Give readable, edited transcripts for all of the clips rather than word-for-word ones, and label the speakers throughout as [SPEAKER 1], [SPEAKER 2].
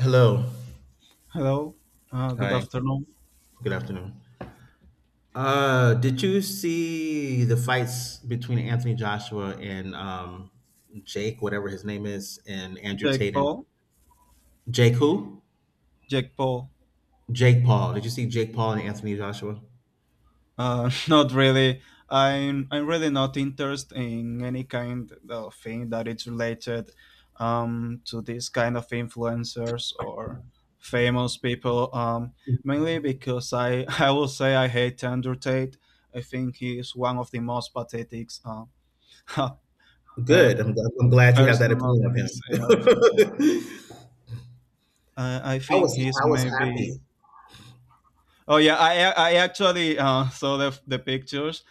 [SPEAKER 1] Hello.
[SPEAKER 2] Hello, good
[SPEAKER 1] Hi.
[SPEAKER 2] afternoon.
[SPEAKER 1] Good afternoon. Did you see the fights between Anthony Joshua and Jake, whatever his name is, and Andrew
[SPEAKER 2] Jake
[SPEAKER 1] Tate and
[SPEAKER 2] Paul.
[SPEAKER 1] Jake who?
[SPEAKER 2] Jake Paul.
[SPEAKER 1] Jake Paul. Did you see Jake Paul and Anthony Joshua?
[SPEAKER 2] Not really. I'm really not interested in any kind of thing that is related to this kind of influencers or famous people. Mainly because I I will say I hate Andrew Tate. I think he is one of the most pathetic uh,
[SPEAKER 1] Good. I'm glad you have that
[SPEAKER 2] person of
[SPEAKER 1] opinion of
[SPEAKER 2] this earth.
[SPEAKER 1] him.
[SPEAKER 2] I
[SPEAKER 1] I
[SPEAKER 2] think
[SPEAKER 1] was
[SPEAKER 2] he's
[SPEAKER 1] I was happy.
[SPEAKER 2] maybe. Oh yeah, I I actually saw the pictures.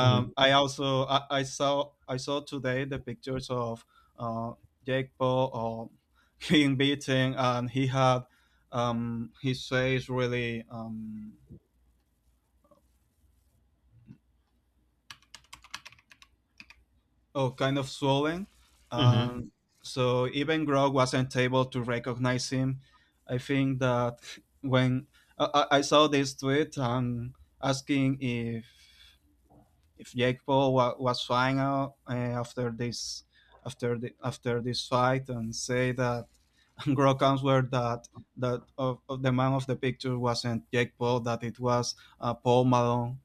[SPEAKER 1] Hmm.
[SPEAKER 2] I also I saw I saw today the pictures of uh, Jake Paul or being beaten, and he had his face really, oh, kind of swollen.
[SPEAKER 1] Hmm.
[SPEAKER 2] Um, so even Grog wasn't able to recognize him. I think that when I saw this tweet asking if Jake Paul was fine out, after this, after the, after this fight, and say that Gro comes where that that of the man of the picture wasn't Jake Paul, that it was Paul Malone.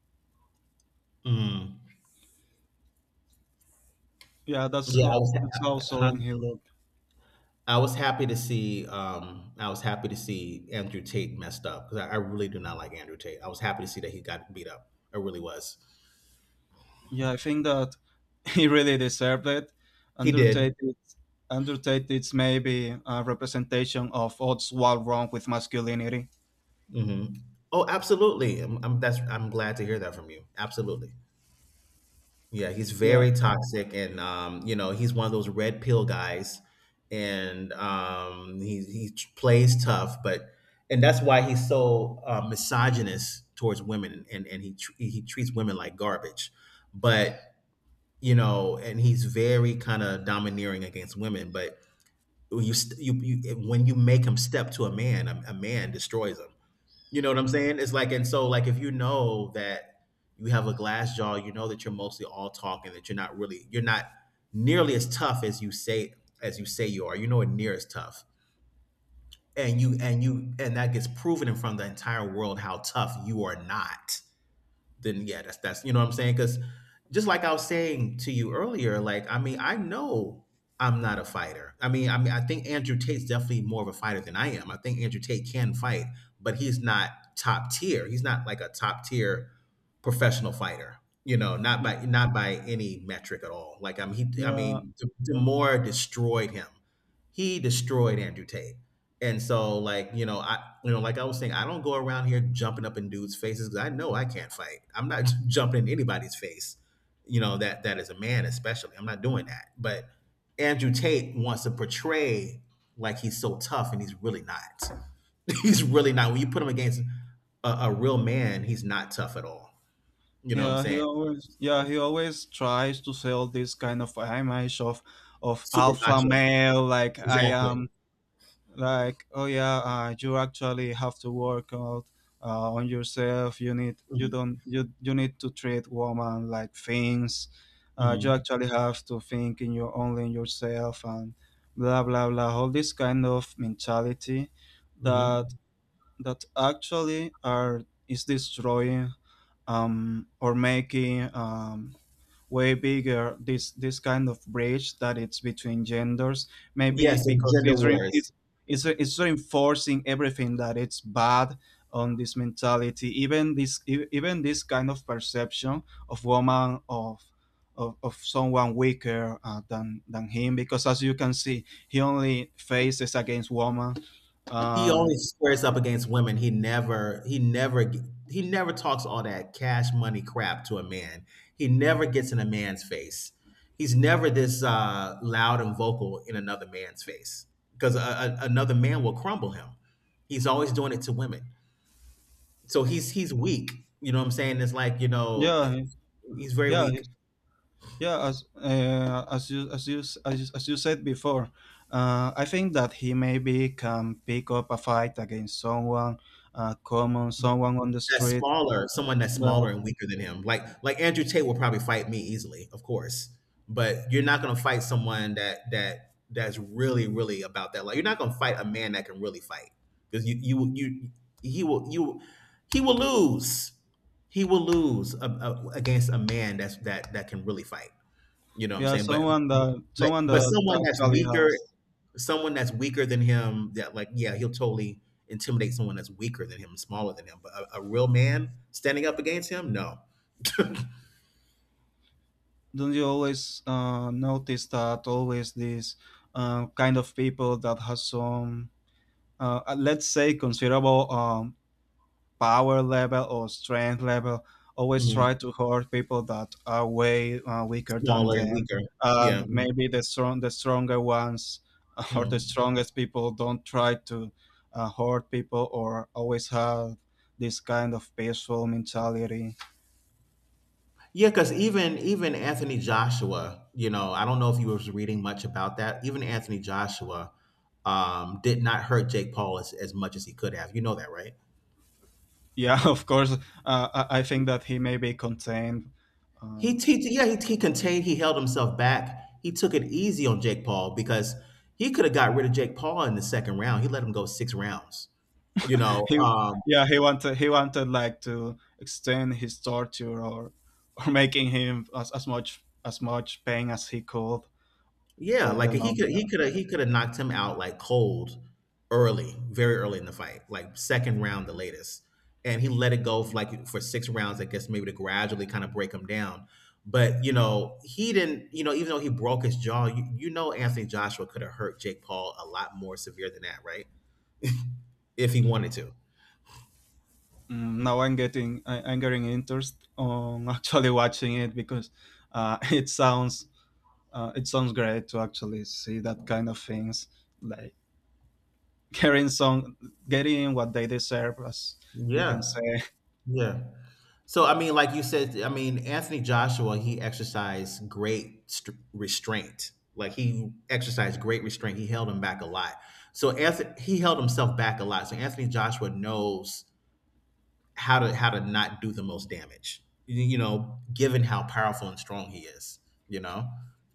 [SPEAKER 1] Hmm.
[SPEAKER 2] Yeah,
[SPEAKER 1] Yeah, I was.
[SPEAKER 2] that's how
[SPEAKER 1] Huh?
[SPEAKER 2] solemn he looked.
[SPEAKER 1] I was happy to see Andrew Tate messed up because I really do not like Andrew Tate. I was happy to see that he got beat up. I really was.
[SPEAKER 2] Yeah, I think that he really deserved it.
[SPEAKER 1] He did.
[SPEAKER 2] Undertaker it's- Undertaker it's maybe a representation of what's all wrong with masculinity.
[SPEAKER 1] Hmm. Oh, absolutely. I'm glad to hear that from you. Absolutely. Yeah, he's
[SPEAKER 2] Yeah,
[SPEAKER 1] very toxic, and he's one of those red pill guys, and he plays tough, but and that's why he's so misogynist towards women, and he treats women like garbage, but and he's very kind of domineering against women. But you when you make him step to a man, a man destroys him. You know what I'm saying? It's like, and so like, if you know that you have a glass jaw, you know that you're mostly all talking, that you're not really, you're not nearly as tough as you say you are. You know, it near as tough, and you and you and that gets proven in front of the entire world how tough you are not, then yeah, that's, you know what I'm saying? Because just like I was saying to you earlier, like I mean, I know I'm not a fighter. I mean, I think Andrew Tate's definitely more of a fighter than I am. I think Andrew Tate can fight, but he's not top tier. He's not like a top tier professional fighter. You know,
[SPEAKER 2] y-
[SPEAKER 1] not by any metric at all. Like I mean, I
[SPEAKER 2] yeah.
[SPEAKER 1] mean, Demore destroyed him. He destroyed Andrew Tate. And so, like, you know, you know, like I was saying, I don't go around here jumping up in dudes' faces because I know I can't fight. I'm not jumping in anybody's face, you know, that is a man especially. I'm not doing that. But Andrew Tate wants to portray like he's so tough, and he's really not. He's really not. When you put him against a real man, he's not tough at all. You know what I'm
[SPEAKER 2] Yeah, he
[SPEAKER 1] saying?
[SPEAKER 2] always, yeah, he always tries to sell this kind of image of
[SPEAKER 1] Super
[SPEAKER 2] alpha
[SPEAKER 1] macho.
[SPEAKER 2] male, like I
[SPEAKER 1] Exactly.
[SPEAKER 2] am, like, oh yeah, you actually have to work out on yourself. You
[SPEAKER 1] Hmm.
[SPEAKER 2] don't you need to treat woman like things. You
[SPEAKER 1] Hmm.
[SPEAKER 2] actually have to think in your only in yourself and blah blah blah. All this kind of mentality that
[SPEAKER 1] Hmm.
[SPEAKER 2] that actually are is destroying, or making, way bigger this this kind of bridge that it's between genders, maybe
[SPEAKER 1] Yes, and
[SPEAKER 2] because
[SPEAKER 1] gender
[SPEAKER 2] it's
[SPEAKER 1] wars.
[SPEAKER 2] it's it's reinforcing everything that it's bad on this mentality, even this even this kind of perception of woman of someone weaker than him, because as you can see he only faces against woman.
[SPEAKER 1] He
[SPEAKER 2] uh,
[SPEAKER 1] only squares up against women. He never talks all that cash money crap to a man. He never gets in a man's face. He's never this loud and vocal in another man's face because another man will crumble him. He's always doing it to women, so he's weak. You know what I'm saying? It's like
[SPEAKER 2] yeah.
[SPEAKER 1] he's very
[SPEAKER 2] Yeah.
[SPEAKER 1] weak.
[SPEAKER 2] Yeah, as you, as you as you, as you said before, I think that he maybe can pick up a fight against someone common, someone on the
[SPEAKER 1] That's
[SPEAKER 2] street,
[SPEAKER 1] smaller, someone that's smaller
[SPEAKER 2] but
[SPEAKER 1] and weaker than him. Like Andrew Tate will probably fight me easily, of course. But you're not gonna fight someone that that's really, really about that. Like you're not gonna fight a man that can really fight. Because you you he will lose. He will lose against a man that's that can really fight. You know what I'm
[SPEAKER 2] yeah,
[SPEAKER 1] saying? But but
[SPEAKER 2] someone
[SPEAKER 1] but
[SPEAKER 2] that actually has.
[SPEAKER 1] someone that's weaker than him, that like, yeah, he'll totally intimidate someone that's weaker than him, smaller than him, but a real man standing up against him, no.
[SPEAKER 2] Don't you always notice that always these kind of people that has some, let's say, considerable, power level or strength level, always
[SPEAKER 1] Mhm.
[SPEAKER 2] try to hurt people that are way weaker than
[SPEAKER 1] Smaller and
[SPEAKER 2] them,
[SPEAKER 1] weaker. Yeah.
[SPEAKER 2] and maybe the stronger ones or the
[SPEAKER 1] Mhm.
[SPEAKER 2] strongest people don't try to hurt people or always have this kind of peaceful mentality.
[SPEAKER 1] Yeah, because even Anthony Joshua, you know, I don't know if you was reading much about that, even Anthony Joshua did not hurt Jake Paul as much as he could have. You know that, right?
[SPEAKER 2] Yeah, of course. I think that he may be contained. uh,
[SPEAKER 1] He, yeah, he contained, he held himself back. He took it easy on Jake Paul because he could have got rid of Jake Paul in the second round. He let him go six rounds. You know,
[SPEAKER 2] he, yeah, he wanted, he wanted like to extend his torture or making him as much, as much pain as he could
[SPEAKER 1] yeah,
[SPEAKER 2] for the
[SPEAKER 1] like
[SPEAKER 2] long, yeah.
[SPEAKER 1] he could have knocked him out like cold early, very early in the fight, like second round the latest. And he let it go for like for six rounds, I guess, maybe to gradually kind of break him down. But you know, he didn't, you know, even though he broke his jaw, you know Anthony Joshua could have hurt Jake Paul a lot more severe than that, right? If he wanted to.
[SPEAKER 2] Mm, now I'm getting, I'm getting interest on actually watching it, because it sounds, it sounds great to actually see that kind of things, like getting some, getting what they deserve, as you
[SPEAKER 1] Yeah,
[SPEAKER 2] can say.
[SPEAKER 1] yeah. So I mean, like you said, I mean Anthony Joshua, he exercised great restraint. Like he exercised great restraint. He held him back a lot. So Anthony, he held himself back a lot. So Anthony Joshua knows how to not do the most damage, given how powerful and strong he is, you know,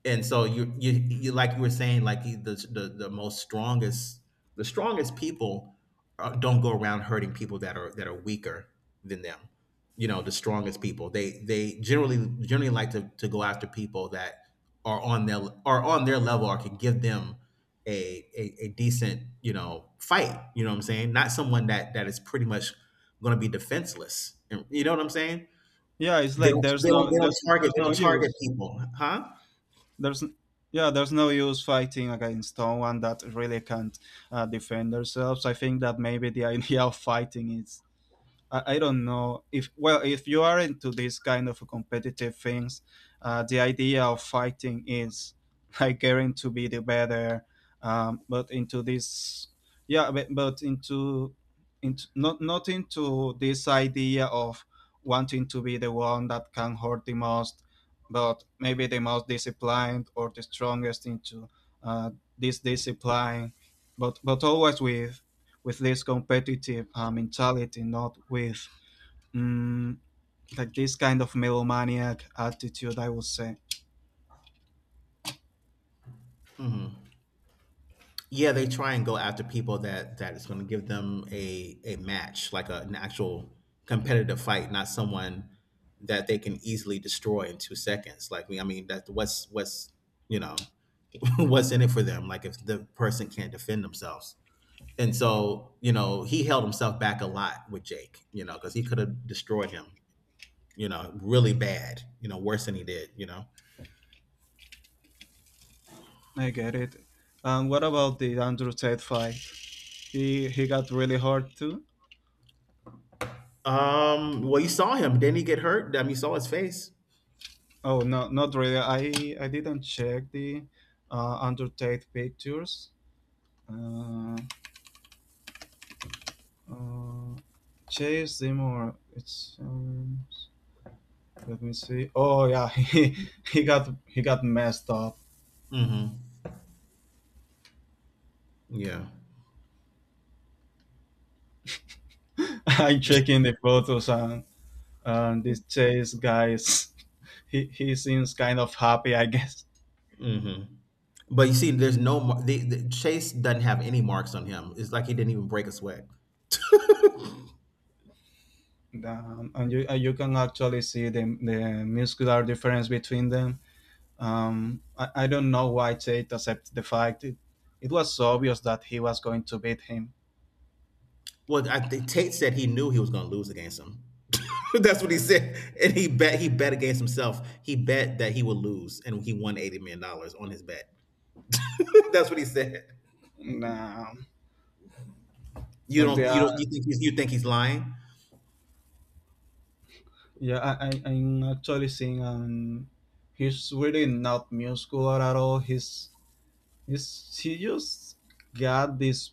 [SPEAKER 1] and so you like you were saying, like the most strongest, the strongest people don't go around hurting people that are weaker than them. You know, the strongest people, they generally like to go after people that are on their are on their level, or can give them a decent fight. You know what I'm saying, not someone that is pretty much going to be defenseless. You know what I'm saying?
[SPEAKER 2] Yeah, it's
[SPEAKER 1] They
[SPEAKER 2] like
[SPEAKER 1] don't,
[SPEAKER 2] there's
[SPEAKER 1] they don't,
[SPEAKER 2] no, there's
[SPEAKER 1] they
[SPEAKER 2] no
[SPEAKER 1] don't target
[SPEAKER 2] use.
[SPEAKER 1] people, huh?
[SPEAKER 2] there's n- yeah, there's no use fighting against someone that really can't defend themselves. I think that maybe the idea of fighting is, I don't know if, well, if you are into this kind of competitive things, the idea of fighting is like getting to be the better. Um, but into this, but into, not, not into this idea of wanting to be the one that can hurt the most, but maybe the most disciplined or the strongest into uh, this discipline, but always with this competitive mentality, not with, mm, like this kind of megalomaniac attitude, I would say.
[SPEAKER 1] Hmm. Yeah, they try and go after people that is going to give them a match, like an actual competitive fight, not someone that they can easily destroy in 2 seconds. Like me, I mean, that what's you know what's in it for them? Like if the person can't defend themselves. And so, he held himself back a lot with Jake, because he could have destroyed him, really bad, worse than he did.
[SPEAKER 2] I get it. And what about the Andrew Tate fight? He got really hurt too.
[SPEAKER 1] Well, you saw him. Didn't he get hurt? I mean, you saw his face.
[SPEAKER 2] Oh no, not really. I didn't check the Andrew Tate pictures. Uh, uh, Chase Seymour. It's, let me see. Oh yeah, he got, he got messed up.
[SPEAKER 1] Mm-hmm. Yeah.
[SPEAKER 2] I'm checking the photos. And this chase guy is he seems kind of happy, I guess.
[SPEAKER 1] Mm-hmm. But you see, there's no mar- the, Chase doesn't have any marks on him. It's like he didn't even break a sweat.
[SPEAKER 2] And you, you can actually see the muscular difference between them. I don't know why Chase accepted the fact. It was so obvious that he was going to beat him.
[SPEAKER 1] Well, I think Tate said he knew he was going to lose against him. That's what he said, and he bet against himself. He bet that he would lose, and he won $80 million on his bet. That's what he said.
[SPEAKER 2] Nah,
[SPEAKER 1] You
[SPEAKER 2] but they
[SPEAKER 1] don't you don't
[SPEAKER 2] are,
[SPEAKER 1] you think you think he's lying?
[SPEAKER 2] yeah, I'm actually seeing, he's really not muscular at all. He's, he just got this,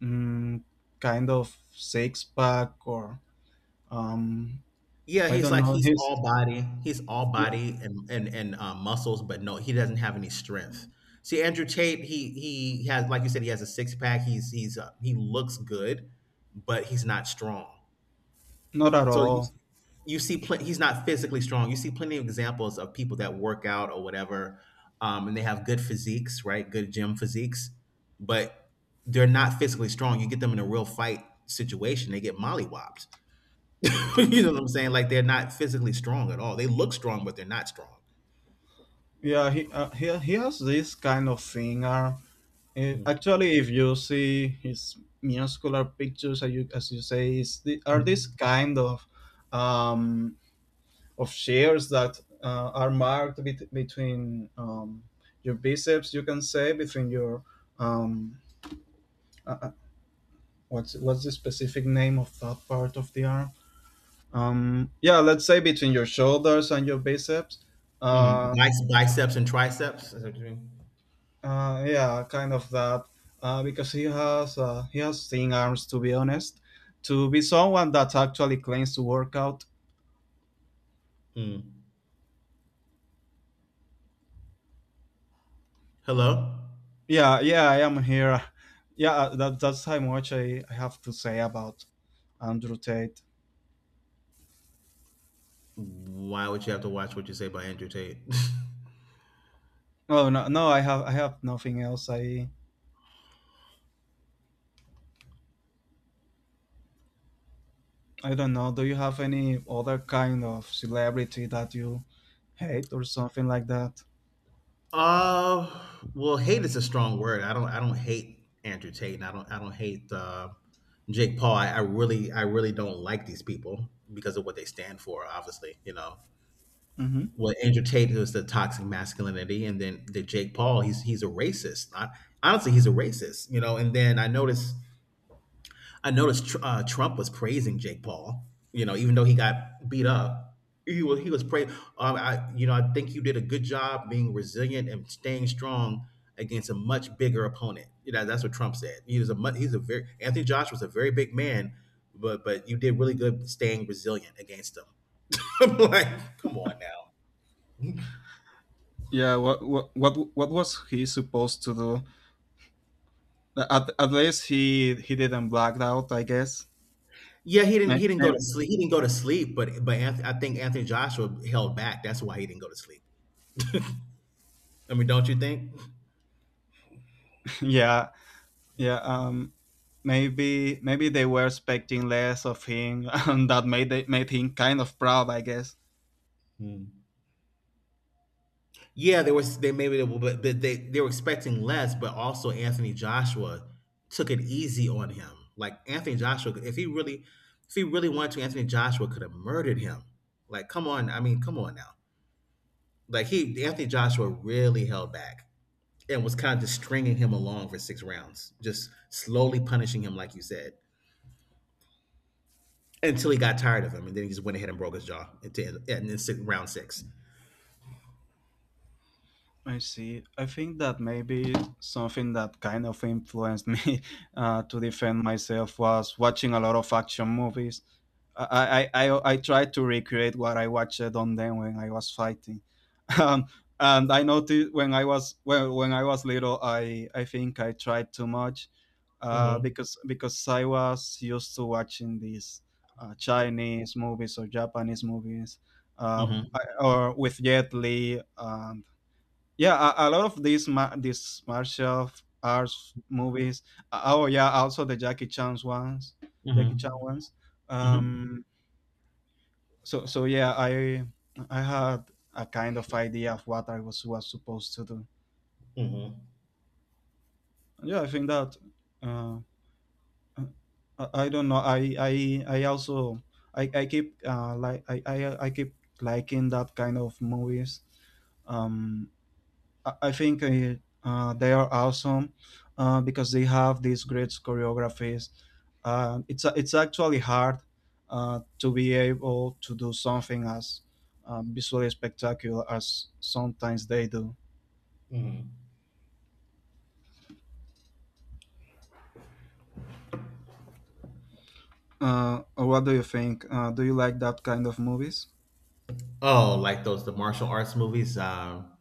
[SPEAKER 2] mm, kind of six pack or, um,
[SPEAKER 1] Yeah,
[SPEAKER 2] I
[SPEAKER 1] he's
[SPEAKER 2] don't
[SPEAKER 1] like
[SPEAKER 2] know,
[SPEAKER 1] he's
[SPEAKER 2] he's,
[SPEAKER 1] all body. He's all
[SPEAKER 2] yeah,
[SPEAKER 1] body and and muscles, but no, he doesn't have any strength. See, Andrew Tate, he has, like you said, he has a six pack. He looks good, but he's not strong.
[SPEAKER 2] not at
[SPEAKER 1] So you,
[SPEAKER 2] all.
[SPEAKER 1] you see, he's not physically strong. You see plenty of examples of people that work out or whatever, and they have good physiques, right? Good gym physiques, but they're not physically strong. You get them in a real fight situation, they get mollywopped. You know what I'm saying? Like they're not physically strong at all. They look strong, but they're not strong.
[SPEAKER 2] Yeah, he, he has this kind of finger.
[SPEAKER 1] Mm,
[SPEAKER 2] Actually, if you see his muscular pictures, as you say, is the, are this
[SPEAKER 1] mm,
[SPEAKER 2] kind of, um, of shares that are marked between, um, your biceps, you can say between your, um, uh, uh, what's the specific name of that part of the arm? Yeah, let's say between your shoulders and your biceps.
[SPEAKER 1] mm.
[SPEAKER 2] Uh,
[SPEAKER 1] Biceps and triceps. Is that what you mean?
[SPEAKER 2] yeah, kind of that. Because he has thin arms, to be honest. To be someone that actually claims to work out.
[SPEAKER 1] Mm. Hello.
[SPEAKER 2] Yeah, yeah, I am here. Yeah, that, that's how much I have to say about Andrew Tate.
[SPEAKER 1] Why would you have to watch what you say by Andrew Tate?
[SPEAKER 2] Oh no, no, I have, I have nothing else. I don't know. Do you have any other kind of celebrity that you hate or something like that?
[SPEAKER 1] uh, well, hate is a strong word. I don't. I don't hate Andrew Tate, and I don't. I don't hate Jake Paul. I really. I really don't like these people because of what they stand for. Obviously.
[SPEAKER 2] Mm-hmm.
[SPEAKER 1] Well, Andrew Tate was the toxic masculinity, and then the Jake Paul, he's a racist. Honestly, he's a racist. And then I noticed Trump was praising Jake Paul, even though he got beat up, he was praising. I think you did a good job being resilient and staying strong against a much bigger opponent. You know, that's what Trump said. He was a mu- he's a very Anthony Joshua was a very big man, but you did really good staying resilient against him. I'm like, come on now.
[SPEAKER 2] Yeah, what what was he supposed to do? At least he didn't black out, I guess.
[SPEAKER 1] Yeah, he didn't go
[SPEAKER 2] Maybe,
[SPEAKER 1] to sleep. He didn't go to sleep, but I think Anthony Joshua held back. That's why he didn't go to sleep. I mean, don't you think?
[SPEAKER 2] yeah, yeah. Maybe maybe they were expecting less of him, and that made they, made him kind of proud, I guess.
[SPEAKER 1] Hmm. Yeah, they were. They maybe they were, but they were expecting less, but also Anthony Joshua took it easy on him. Like Anthony Joshua, if he really wanted to, Anthony Joshua could have murdered him. Like, come on, I mean, come on now. Like he Anthony Joshua really held back and was kind of just stringing him along for 6 rounds, just slowly punishing him, like you said, until he got tired of him, and then he just went ahead and broke his jaw into, and then round 6.
[SPEAKER 2] I see. I think that maybe something that kind of influenced me to defend myself was watching a lot of action movies. I tried to recreate what I watched on them when I was fighting. Um, and I noticed when I was, well, when I was little, I think I tried too much,
[SPEAKER 1] Mm-hmm.
[SPEAKER 2] because I was used to watching these Chinese movies or Japanese movies, uh,
[SPEAKER 1] Mm-hmm.
[SPEAKER 2] or with Jet Li. Yeah, a lot of these these martial arts movies. Oh yeah, also the jackie chan's ones, jackie
[SPEAKER 1] Mm-hmm.
[SPEAKER 2] chan ones,
[SPEAKER 1] Mm-hmm.
[SPEAKER 2] um, so, so yeah, I had a kind of idea of what I was supposed to do.
[SPEAKER 1] Mm-hmm.
[SPEAKER 2] Yeah, I think that, uh uh, I don't know, I also I keep, like I keep liking that kind of movies, um, I think, they are awesome, because they have these great choreographies. It's actually hard to be able to do something as visually spectacular as sometimes they do.
[SPEAKER 1] Mm-hmm.
[SPEAKER 2] What do you think? Do you like that kind of movies?
[SPEAKER 1] Oh, like those the martial arts movies? Um,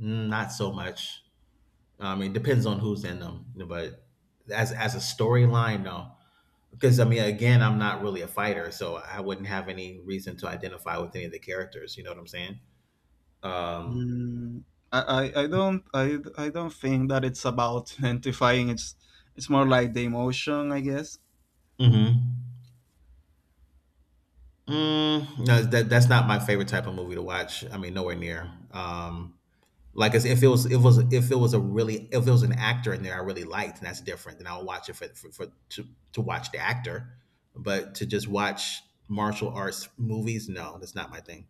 [SPEAKER 1] mm, Not so much. I mean, it depends on who's in them, but as a storyline, no. Because I mean, again, I'm not really a fighter, so I wouldn't have any reason to identify with any of the characters. You know what I'm saying? Um,
[SPEAKER 2] Mm, I don't, I don't think that it's about identifying. It's more like the emotion, I guess.
[SPEAKER 1] Mm-hmm. No, that's not my favorite type of movie to watch. I mean, nowhere near. Like as if it was, it was, if it was a really, if it was an actor in there I really liked, and that's different. Then I'll watch it for to watch the actor, but to just watch martial arts movies, no, that's not my thing.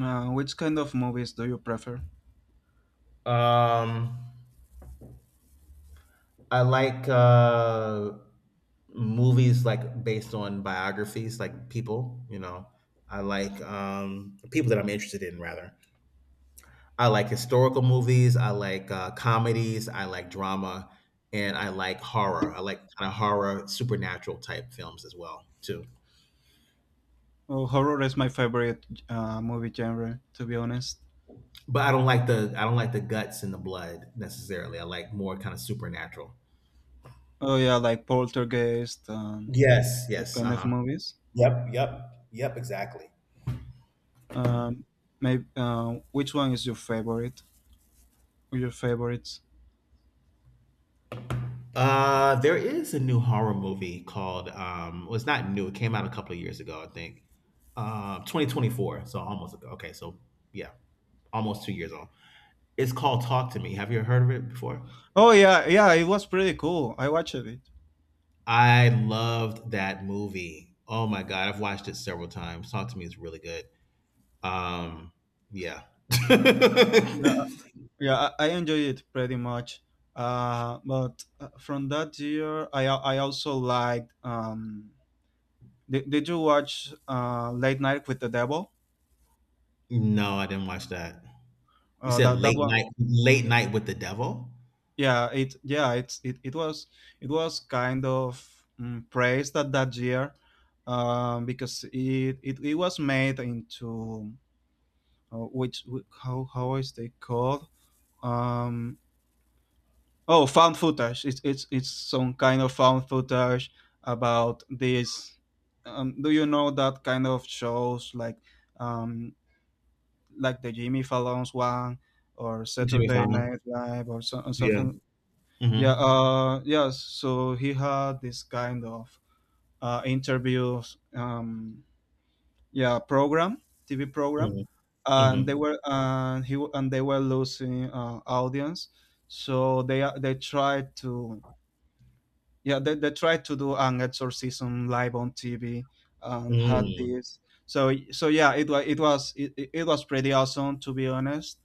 [SPEAKER 2] Which kind of movies do you prefer?
[SPEAKER 1] Um, I like movies like based on biographies, like people. You know, I like people that I'm interested in rather. I like historical movies. I like comedies. I like drama, and I like horror. I like kind of horror, supernatural type films as well too.
[SPEAKER 2] Oh, horror is my favorite movie genre, to be honest.
[SPEAKER 1] But I don't like the guts and the blood necessarily. I like more kind of supernatural.
[SPEAKER 2] Oh yeah, like Poltergeist and
[SPEAKER 1] Yes.
[SPEAKER 2] what
[SPEAKER 1] Yes. Uh
[SPEAKER 2] kind of
[SPEAKER 1] huh.
[SPEAKER 2] movies?
[SPEAKER 1] Yep, yep, yep, exactly.
[SPEAKER 2] Um, Maybe which one is your favorite? Or your favorites?
[SPEAKER 1] There is a new horror movie called Well, it's not new. It came out a couple of years ago, I think. 2024. So almost okay. So yeah, almost 2 years old. It's called Talk to Me. Have you heard of it before?
[SPEAKER 2] Oh yeah, yeah, it was pretty cool. I watched it.
[SPEAKER 1] I loved that movie. Oh my god, I've watched it several times. Talk to Me is really good. Um, yeah. No,
[SPEAKER 2] Yeah, yeah, I enjoyed it pretty much. But from that year, I also liked. Did you watch Late Night with the Devil?
[SPEAKER 1] I didn't watch that. You said
[SPEAKER 2] That that one,
[SPEAKER 1] late night with the devil.
[SPEAKER 2] yeah, it, yeah, it's, it was, it was kind of, mm, praised at that year, because it was made into which how is they called, um, oh, found footage. It's it's some kind of found footage about this, do you know that kind of shows like, um, like the jimmy fallon's one or
[SPEAKER 1] Jimmy
[SPEAKER 2] saturday
[SPEAKER 1] Fallon.
[SPEAKER 2] night live or so, or
[SPEAKER 1] Yeah.
[SPEAKER 2] something? Yeah,
[SPEAKER 1] Mm-hmm.
[SPEAKER 2] yeah. So he had this kind of interviews, yeah, program, TV program,
[SPEAKER 1] Mm-hmm.
[SPEAKER 2] and they
[SPEAKER 1] Mm-hmm.
[SPEAKER 2] were and he and they were losing audience, so they tried to, yeah, they tried to do an exorcism live on tv and had
[SPEAKER 1] Mm-hmm.
[SPEAKER 2] this, so so yeah, it was, it was, it was pretty awesome, to be honest.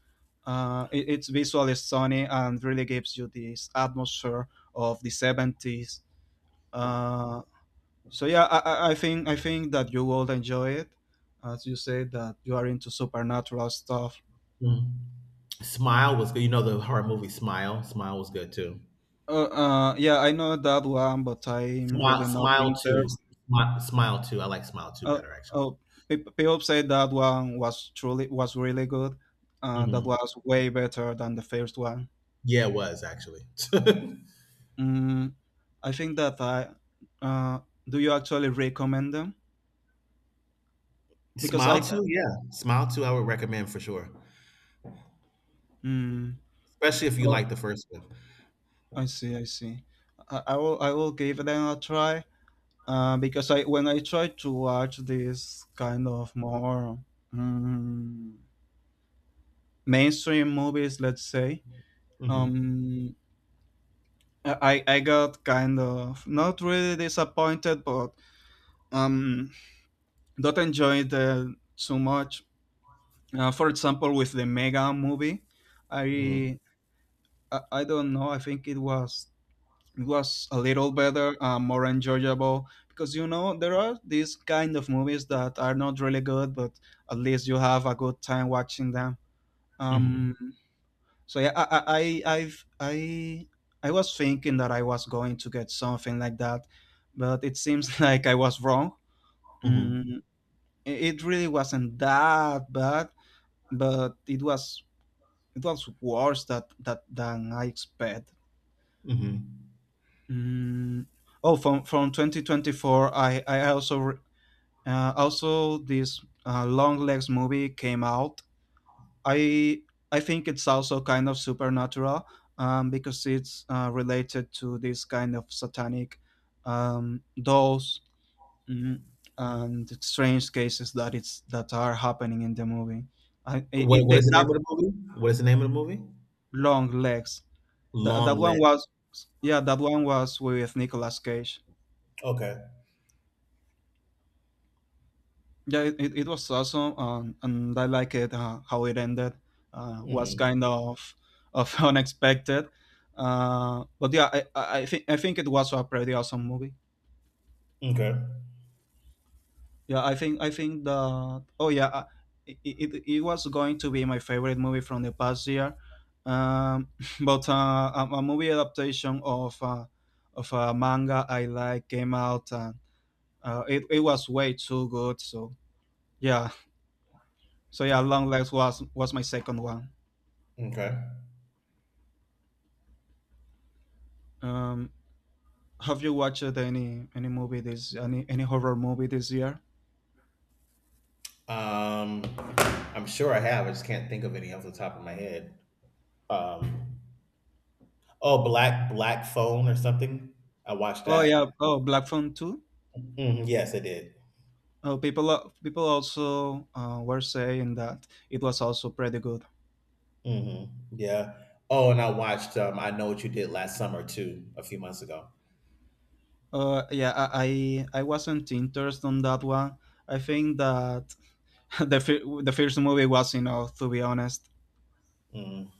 [SPEAKER 2] It, it's visually stunning and really gives you this atmosphere of the 70s. uh so yeah, I I think, I think that you will enjoy it, as you say that you are into supernatural stuff.
[SPEAKER 1] Mm-hmm. Smile was good. You know the horror movie Smile. Smile was good too.
[SPEAKER 2] Yeah, I know that one, but I'm
[SPEAKER 1] Smile,
[SPEAKER 2] really not
[SPEAKER 1] Smile too.
[SPEAKER 2] interested.
[SPEAKER 1] Smile, Smile too. I like Smile too
[SPEAKER 2] Uh,
[SPEAKER 1] better actually.
[SPEAKER 2] oh, people say that one was truly, was really good. That
[SPEAKER 1] Mhm.
[SPEAKER 2] was way better than the first one.
[SPEAKER 1] Yeah, it was actually.
[SPEAKER 2] Mm, I think that I. Uh, do you actually recommend them? Because
[SPEAKER 1] Smile
[SPEAKER 2] I.
[SPEAKER 1] too, yeah, Smile too, I would recommend for sure,
[SPEAKER 2] Mm,
[SPEAKER 1] especially if you
[SPEAKER 2] oh,
[SPEAKER 1] like the first one.
[SPEAKER 2] I see. I see. I will. I will give them a try. Because I when I try to watch these kind of more mm, mainstream movies, let's say,
[SPEAKER 1] Mm-hmm.
[SPEAKER 2] um, I got kind of not really disappointed, but um, not enjoyed it so much. For example, with the Mega movie,
[SPEAKER 1] Mm-hmm.
[SPEAKER 2] I, I don't know. I think it was a little better, more enjoyable because you know there are these kind of movies that are not really good, but at least you have a good time watching them.
[SPEAKER 1] Mm-hmm.
[SPEAKER 2] Um, So yeah, I I was thinking that I was going to get something like that, but it seems like I was wrong.
[SPEAKER 1] Mm-hmm.
[SPEAKER 2] Mm, it really wasn't that bad, but it was worse that that than I expect.
[SPEAKER 1] Hmm.
[SPEAKER 2] Mm, oh, from 2024, I also also this Long Legs movie came out, I I think it's also kind of supernatural because it's related to this kind of satanic dolls mm, and strange cases that it's that are happening in the movie. I, it, it,
[SPEAKER 1] What
[SPEAKER 2] they-
[SPEAKER 1] is the name
[SPEAKER 2] that
[SPEAKER 1] of the movie? What is the name of the movie?
[SPEAKER 2] long legs. That
[SPEAKER 1] Long
[SPEAKER 2] one
[SPEAKER 1] Lit.
[SPEAKER 2] was yeah. That one was with Nicolas Cage.
[SPEAKER 1] Okay.
[SPEAKER 2] Yeah, it was awesome, and I like it. How it ended was
[SPEAKER 1] Mm-hmm.
[SPEAKER 2] kind of unexpected, but yeah, I think it was a pretty awesome movie.
[SPEAKER 1] Okay.
[SPEAKER 2] Yeah, I think that, oh yeah, it was going to be my favorite movie from the past year, um, but a movie adaptation of a manga I like came out and it was way too good, so yeah. So yeah, Long Legs was my second one.
[SPEAKER 1] Okay.
[SPEAKER 2] Um, have you watched any movie this any horror movie this year?
[SPEAKER 1] Um, I'm sure I have. I just can't think of any off the top of my head. Um, oh, Black Black Phone or something. I watched
[SPEAKER 2] Oh yeah,
[SPEAKER 1] that.
[SPEAKER 2] oh, Black Phone Two.
[SPEAKER 1] Mhm, yes, I did.
[SPEAKER 2] Oh, people people also were saying that it was also pretty good.
[SPEAKER 1] Mhm. Yeah. Oh, and I watched, I Know What You Did Last Summer too, a few months ago.
[SPEAKER 2] Yeah, I wasn't interested on that one. I think that the the first movie was enough, to be honest.
[SPEAKER 1] Mhm.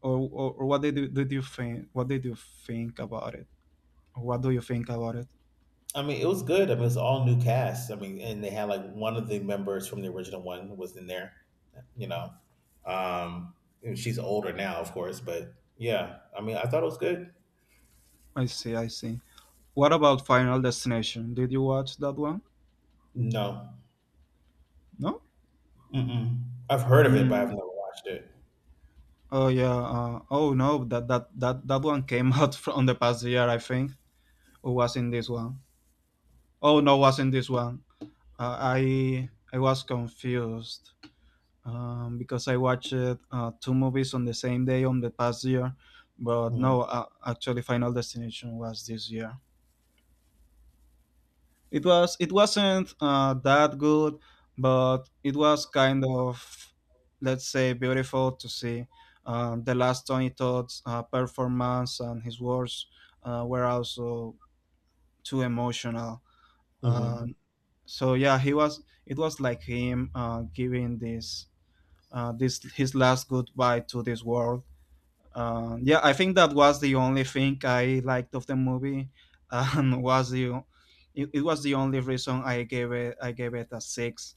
[SPEAKER 2] Or what did you, Did you think? What did you think about it? What do you think about it?
[SPEAKER 1] I mean, it was good. I mean, it's all new cast. I mean, and they had like one of the members from the original one was in there, you know. Um, and she's older now, of course, but yeah. I mean, I thought it was good.
[SPEAKER 2] I see, I see. What about Final Destination? Did you watch that one?
[SPEAKER 1] No.
[SPEAKER 2] No.
[SPEAKER 1] Mm-mm. I've heard of it, but I've never watched it.
[SPEAKER 2] Oh yeah. Oh no, that that one came out from the past year, I think, or was in this one? Oh no, was in this one. I was confused, because I watched two movies on the same day on the past year, but
[SPEAKER 1] Mhm.
[SPEAKER 2] no, actually, Final Destination was this year. It was it wasn't that good, but it was kind of, let's say, beautiful to see the last Tony Todd's performance, and his words were also too emotional.
[SPEAKER 1] Mhm.
[SPEAKER 2] Um, so yeah, he was, it was like him giving this this his last goodbye to this world. Yeah, I think that was the only thing I liked of the movie, and was the it was the only reason I gave it a six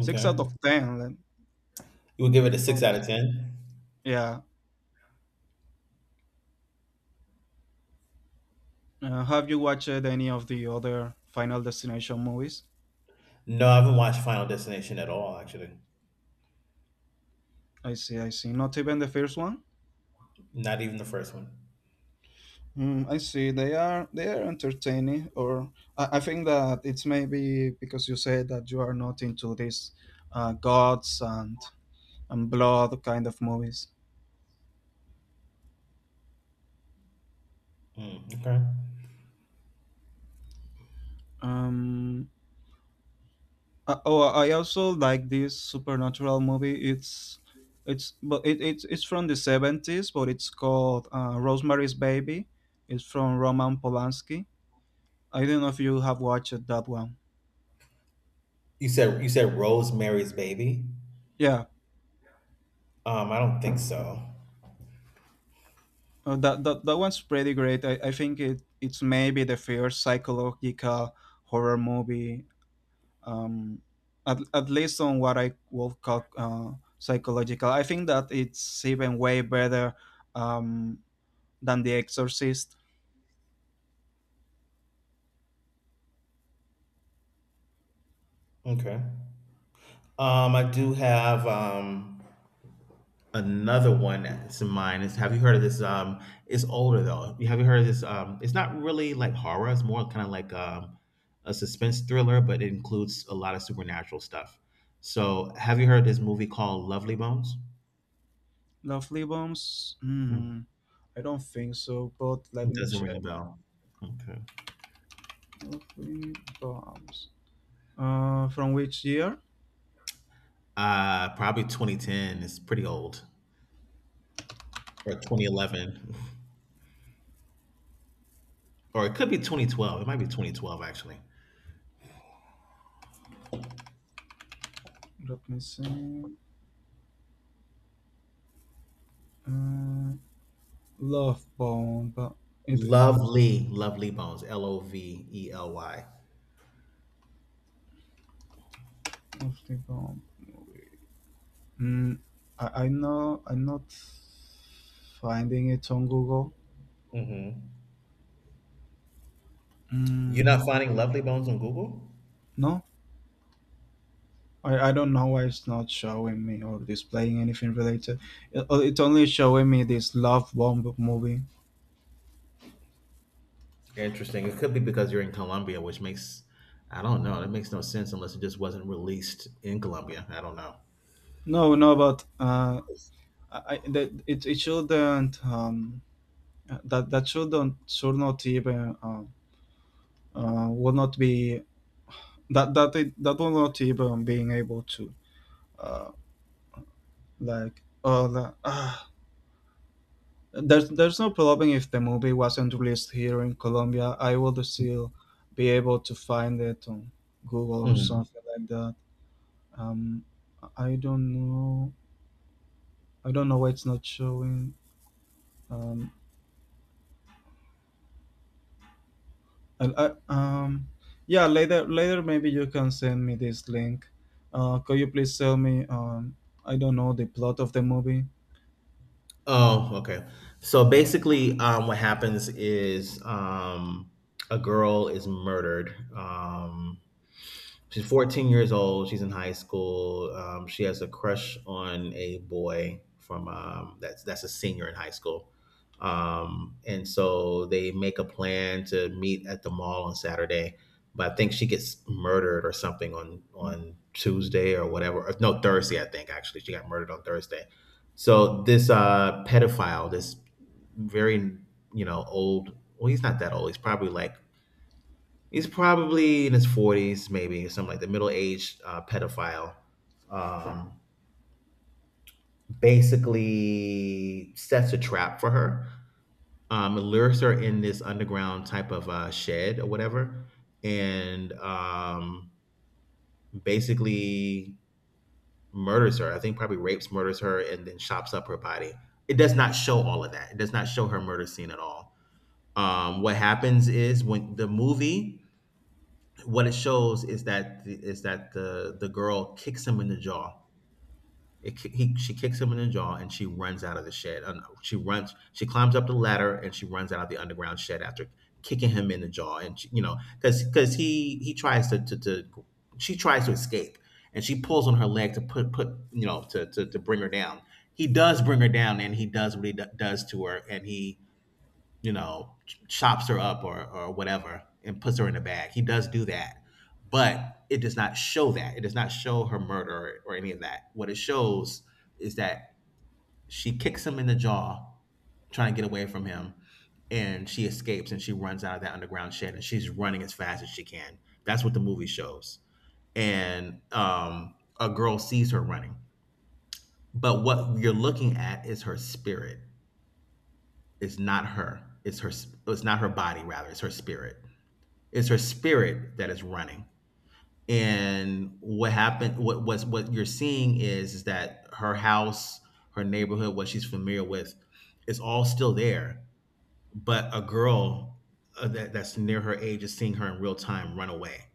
[SPEAKER 2] six out of ten. Then,
[SPEAKER 1] You would give it a
[SPEAKER 2] of
[SPEAKER 1] six out
[SPEAKER 2] course.
[SPEAKER 1] of ten?
[SPEAKER 2] Yeah. Have you watched any of the other Final Destination movies?
[SPEAKER 1] No, I haven't watched Final Destination at all, actually.
[SPEAKER 2] I see. I see. Not even the first one.
[SPEAKER 1] Not even the first one.
[SPEAKER 2] I see. They are entertaining, or I think that it's maybe because you said that you are not into these gods and blood kind of movies.
[SPEAKER 1] Mm, okay.
[SPEAKER 2] Um. Oh, I also like this supernatural movie. It's it's from the 70s, but it's called Rosemary's Baby. It's from Roman Polanski. I don't know if you have watched that one.
[SPEAKER 1] You said Rosemary's Baby?
[SPEAKER 2] Yeah,
[SPEAKER 1] I don't think so.
[SPEAKER 2] that one's pretty great. I think it it's maybe the first psychological horror movie. Um, at least on what I would call psychological. I think that it's even way better Um, than The Exorcist.
[SPEAKER 1] Okay. I do have another one that's in mind. Is have you heard of this? It's older though. You have you heard of this? It's not really like horror. It's more kind of like a suspense thriller, but it includes a lot of supernatural stuff. So, have you heard this movie called Lovely Bones?
[SPEAKER 2] Lovely Bombs?
[SPEAKER 1] Mm,
[SPEAKER 2] Hmm, I don't think so, but let
[SPEAKER 1] it
[SPEAKER 2] me
[SPEAKER 1] doesn't ring
[SPEAKER 2] check.
[SPEAKER 1] a bell. Okay.
[SPEAKER 2] Lovely Bombs. From which year?
[SPEAKER 1] Probably 2010. It's pretty old or 2011, or it could be 2012. It might be 2012 actually.
[SPEAKER 2] Let me see. Uh, Love Bomb. It
[SPEAKER 1] Lovely, Lovely Bones, Lovely.
[SPEAKER 2] Lovely Bomb movie. Mm, I know. I'm not finding it on Google.
[SPEAKER 1] Mm-hmm. You're not
[SPEAKER 2] Mm,
[SPEAKER 1] finding Lovely Bones on Google?
[SPEAKER 2] no, I don't know why it's not showing me or displaying anything related. It's only showing me this Love Bomb movie.
[SPEAKER 1] Interesting. It could be because you're in Colombia, which makes I don't know. That makes no sense unless it just wasn't released in Colombia. I don't know.
[SPEAKER 2] No, no, but I, that it shouldn't, um, that shouldn't should not even will not be that it, that will not even being able to uh like there's no problem if the movie wasn't released here in Colombia. I would still be able to find it on Google or
[SPEAKER 1] Mhm.
[SPEAKER 2] something like that. Um, I don't know. I don't know why it's not showing. Um, And yeah, later, later maybe you can send me this link. Could you please tell me? I don't know the plot of the movie.
[SPEAKER 1] Oh, okay. So basically, what happens is a girl is murdered. She's 14 years old. She's in high school. She has a crush on a boy from that's a senior in high school, and so they make a plan to meet at the mall on Saturday. But I think she gets murdered or something on Tuesday or whatever. Or, no, Thursday. I think actually she got murdered on Thursday. So this pedophile, this very you know old. Well, he's not that old. He's probably like he's probably in his forties, maybe something like the middle-aged pedophile. Um, Basically, sets a trap for her. Lures her in this underground type of shed or whatever, and basically murders her. I think probably rapes, murders her, and then chops up her body. It does not show all of that. It does not show her murder scene at all. What happens is when the movie what it shows is that the, is that the girl kicks him in the jaw. She kicks him in the jaw and she runs out of the shed. She runs. She climbs up the ladder and she runs out of the underground shed after kicking him in the jaw. And she, you know, because he tries to, she tries to escape, and she pulls on her leg to put you know to bring her down. He does bring her down and he does what does to her and he you know, chops her up or whatever and puts her in a bag. He does do that, but it does not show that. It does not show her murder or any of that. What it shows is that she kicks him in the jaw, trying to get away from him, and she escapes and she runs out of that underground shed and she's running as fast as she can. That's what the movie shows. And a girl sees her running. But what you're looking at is her spirit. It's not her. It's her. It's not her body. Rather, it's her spirit. It's her spirit that is running. And what was what you're seeing is that her house, her neighborhood, what she's familiar with is all still there, but a girl that's near her age is seeing her in real time run away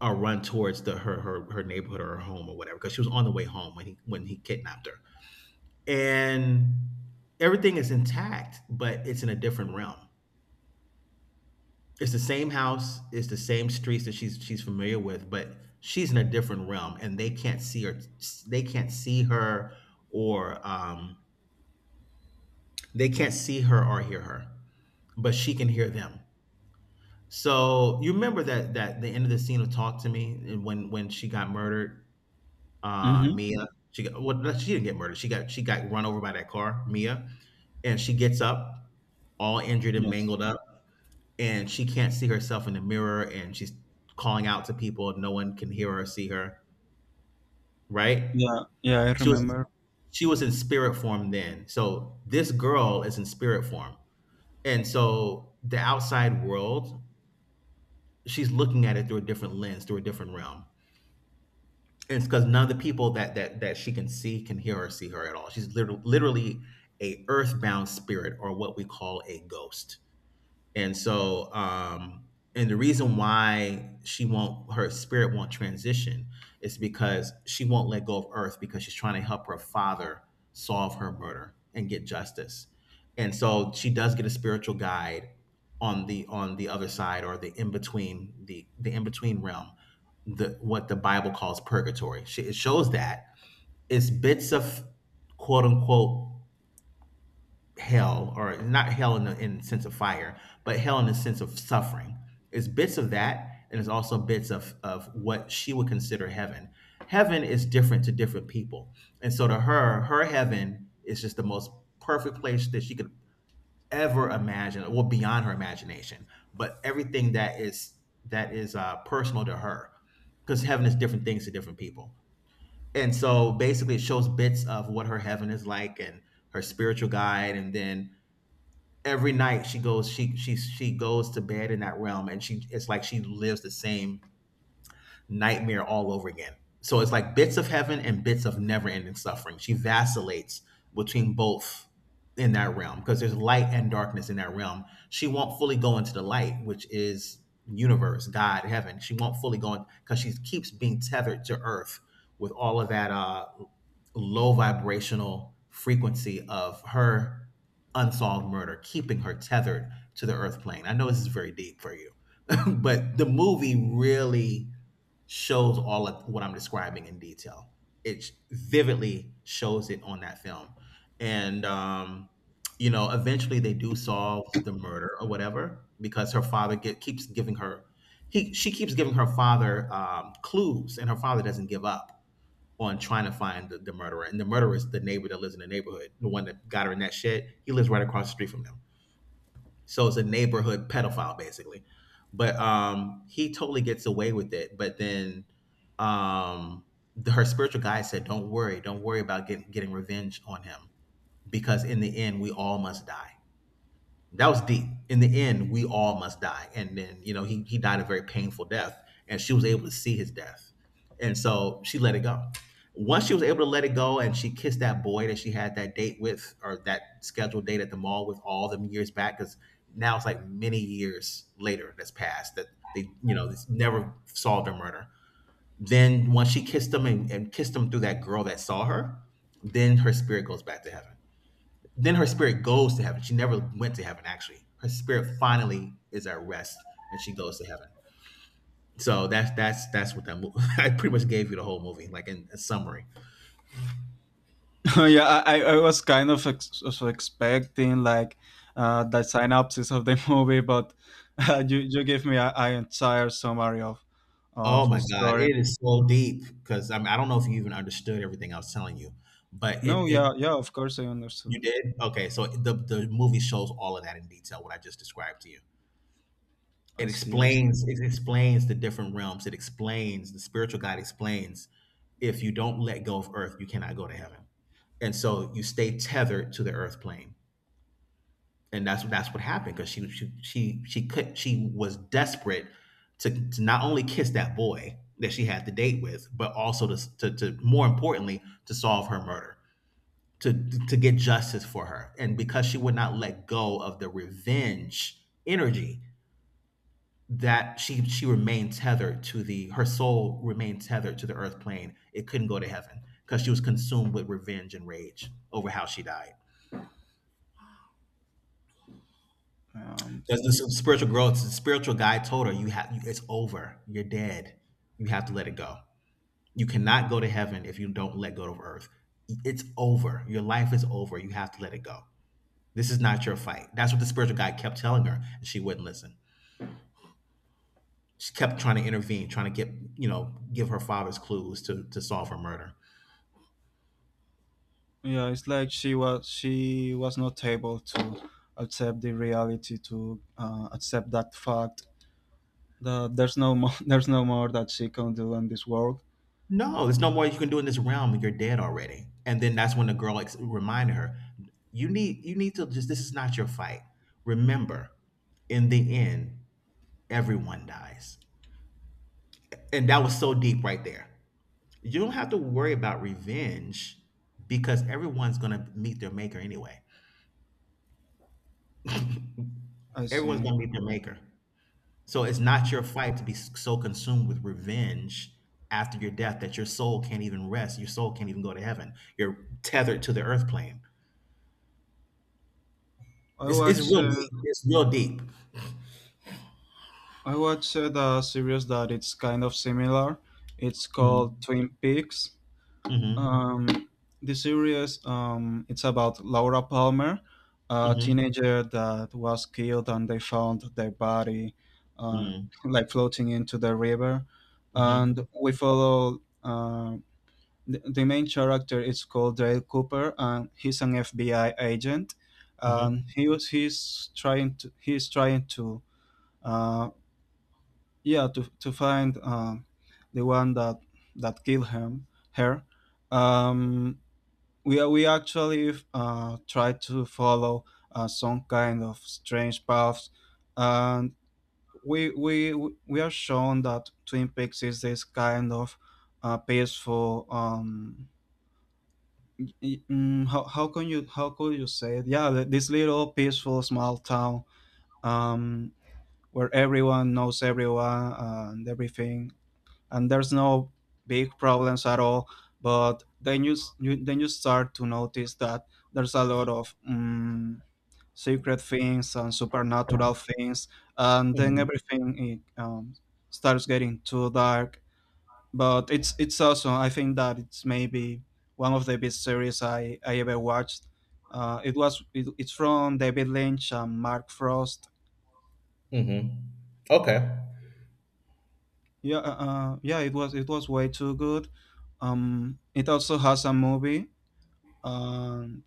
[SPEAKER 1] or run towards the her neighborhood or her home or whatever because she was on the way home when he kidnapped her. And everything is intact, but it's in a different realm. It's the same house, it's the same streets that she's familiar with, but she's in a different realm, and they can't see her. They can't see her, or they can't see her or hear her, but she can hear them. So you remember that the end of the scene of "Talk to Me" and when she got murdered,
[SPEAKER 2] Mm-hmm.
[SPEAKER 1] Mia. She got well, no, she didn't get murdered. She got run over by that car, Mia, and she gets up all injured and
[SPEAKER 2] Yes.
[SPEAKER 1] mangled up and she can't see herself in the mirror and she's calling out to people and no one can hear or see her, right?
[SPEAKER 2] Yeah. Yeah, I
[SPEAKER 1] She was
[SPEAKER 2] remember.
[SPEAKER 1] in spirit form then. So this girl is in spirit form. And so the outside world, she's looking at it through a different lens, through a different realm. And it's because none of the people that she can see can hear or see her at all. She's literally literally a earthbound spirit or what we call a ghost. And so, and the reason why she won't, her spirit won't transition is because she won't let go of Earth because she's trying to help her father solve her murder and get justice. And so she does get a spiritual guide on the other side or the in between realm, the what the Bible calls purgatory. She, it shows that it's bits of quote unquote hell or not hell in the sense of fire, but hell in the sense of suffering. It's bits of that and it's also bits of what she would consider heaven. Heaven is different to different people, and so to her, her heaven is just the most perfect place that she could ever imagine, well beyond her imagination, but everything that is personal to her because heaven is different things to different people. And so basically it shows bits of what her heaven is like and her spiritual guide, and then every night she goes to bed in that realm and she it's like she lives the same nightmare all over again. So it's like bits of heaven and bits of never ending suffering. She vacillates between both in that realm because there's light and darkness in that realm. She won't fully go into the light, which is universe, God, heaven. She won't fully go in because she keeps being tethered to earth with all of that low vibrational frequency of her unsolved murder, keeping her tethered to the earth plane. I know this is very deep for you. But the movie really shows all of what I'm describing in detail. It vividly shows it on that film. And, um, you know, eventually they do solve the murder or whatever because keeps giving her, she keeps giving her father clues, and her father doesn't give up on trying to find the murderer. And the murderer is the neighbor that lives in the neighborhood, the one that got her in that shed. He lives right across the street from them. So it's a neighborhood pedophile basically. But he totally gets away with it. But then um her spiritual guide said, don't worry about getting revenge on him because in the end we all must die." That was deep. In the end, we all must die. And then, you know, he died a very painful death, and she was able to see his death. And so she let it go. Once she was able to let it go and she kissed that boy that she had that date with or that scheduled date at the mall with all them years back, because now it's like many years later that's passed that they, you know, this never solved their murder. Then once she kissed him and kissed him through that girl that saw her, then her spirit goes back to heaven. Then her spirit goes to heaven. She never went to heaven actually. Her spirit finally is at rest and she goes to heaven. So that's what that movie. I pretty much gave you the whole movie, like in a summary.
[SPEAKER 2] Yeah, I was kind of also expecting like the synopsis of the movie, but you give me a entire summary
[SPEAKER 1] Oh
[SPEAKER 2] of the
[SPEAKER 1] my God,
[SPEAKER 2] story.
[SPEAKER 1] it is so deep because I mean, I don't know if you even understood everything I was telling you, but it
[SPEAKER 2] No,
[SPEAKER 1] it
[SPEAKER 2] yeah, yeah. Of course, I understood.
[SPEAKER 1] You did okay. So the movie shows all of that in detail what I just described to you.
[SPEAKER 2] I
[SPEAKER 1] It
[SPEAKER 2] see. I see.
[SPEAKER 1] explains the different realms. It explains the spiritual guide explains if you don't let go of earth, you cannot go to heaven. And so you stay tethered to the earth plane. And that's what happened because she was desperate to not only kiss that boy that she had the date with, but also to more importantly to solve her murder, to to get justice for her. And because she would not let go of the revenge energy, that she remained tethered to the her soul remained tethered to the earth plane. It couldn't go to heaven because she was consumed with revenge and rage over how she died.
[SPEAKER 2] Um,
[SPEAKER 1] That's the spiritual growth. The spiritual guide told her, "You have it's over. You're dead. You have to let it go. You cannot go to heaven if you don't let go of earth. It's over. Your life is over. You have to let it go. This is not your fight." That's what the spiritual guide kept telling her, and she wouldn't listen. She kept trying to intervene, trying to get give her father's clues to solve her murder.
[SPEAKER 2] Yeah, it's like she was not able to accept the reality, to accept that fact that there's no more there's no more that she can do in this world.
[SPEAKER 1] No, there's no more you can do in this realm. When you're dead already. And then that's when the girl reminded her, you need to just this is not your fight. Remember, in the end, everyone dies. And that was so deep right there. You don't have to worry about revenge because everyone's gonna meet their maker anyway.
[SPEAKER 2] I
[SPEAKER 1] Everyone's
[SPEAKER 2] see.
[SPEAKER 1] gonna meet their maker. So it's not your fight to be so consumed with revenge after your death that your soul can't even rest. Your soul can't even go to heaven. You're tethered to the earth plane.
[SPEAKER 2] I
[SPEAKER 1] It's
[SPEAKER 2] watch
[SPEAKER 1] real
[SPEAKER 2] uh,
[SPEAKER 1] deep. It's real deep.
[SPEAKER 2] I watched the series that it's kind of similar. It's called
[SPEAKER 1] Mm,
[SPEAKER 2] Twin Peaks.
[SPEAKER 1] mhm,
[SPEAKER 2] Um, the series it's about Laura Palmer, a
[SPEAKER 1] mhm,
[SPEAKER 2] teenager that was killed and they found their body uh,
[SPEAKER 1] mm,
[SPEAKER 2] like floating into the river, and
[SPEAKER 1] mhm,
[SPEAKER 2] we follow. The main character is called Dale Cooper, and he's an FBI agent.
[SPEAKER 1] mhm,
[SPEAKER 2] He's trying to uh, yeah to find the one that that killed him her. Um, we actually try to follow some kind of strange paths, and we we we are shown that Twin Peaks is this kind of peaceful. How can you how could you say it? Yeah, this little peaceful small town, um, where everyone knows everyone and everything, and there's no big problems at all. But then you then you start to notice that there's a lot of secret things and supernatural things, and then
[SPEAKER 1] mhm,
[SPEAKER 2] everything it, um, starts getting too dark. But it's awesome. I think that it's maybe one of the best series I ever watched. It's from David Lynch and Mark Frost.
[SPEAKER 1] mhm. Okay.
[SPEAKER 2] Yeah, yeah, it was way too good. It also has a movie, and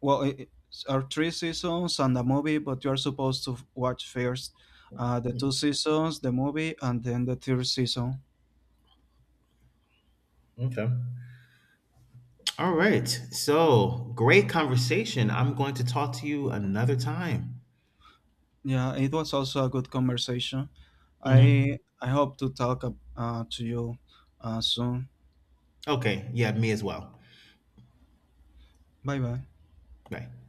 [SPEAKER 2] well, it are three seasons and a movie, but you are supposed to watch first the two seasons, the movie, and then the third season.
[SPEAKER 1] Okay. All right. So great conversation. I'm going to talk to you another time.
[SPEAKER 2] Yeah, it was also a good conversation.
[SPEAKER 1] Hmm.
[SPEAKER 2] I hope to talk to you soon.
[SPEAKER 1] Okay. Yeah, me as well.
[SPEAKER 2] Bye bye.
[SPEAKER 1] Bye.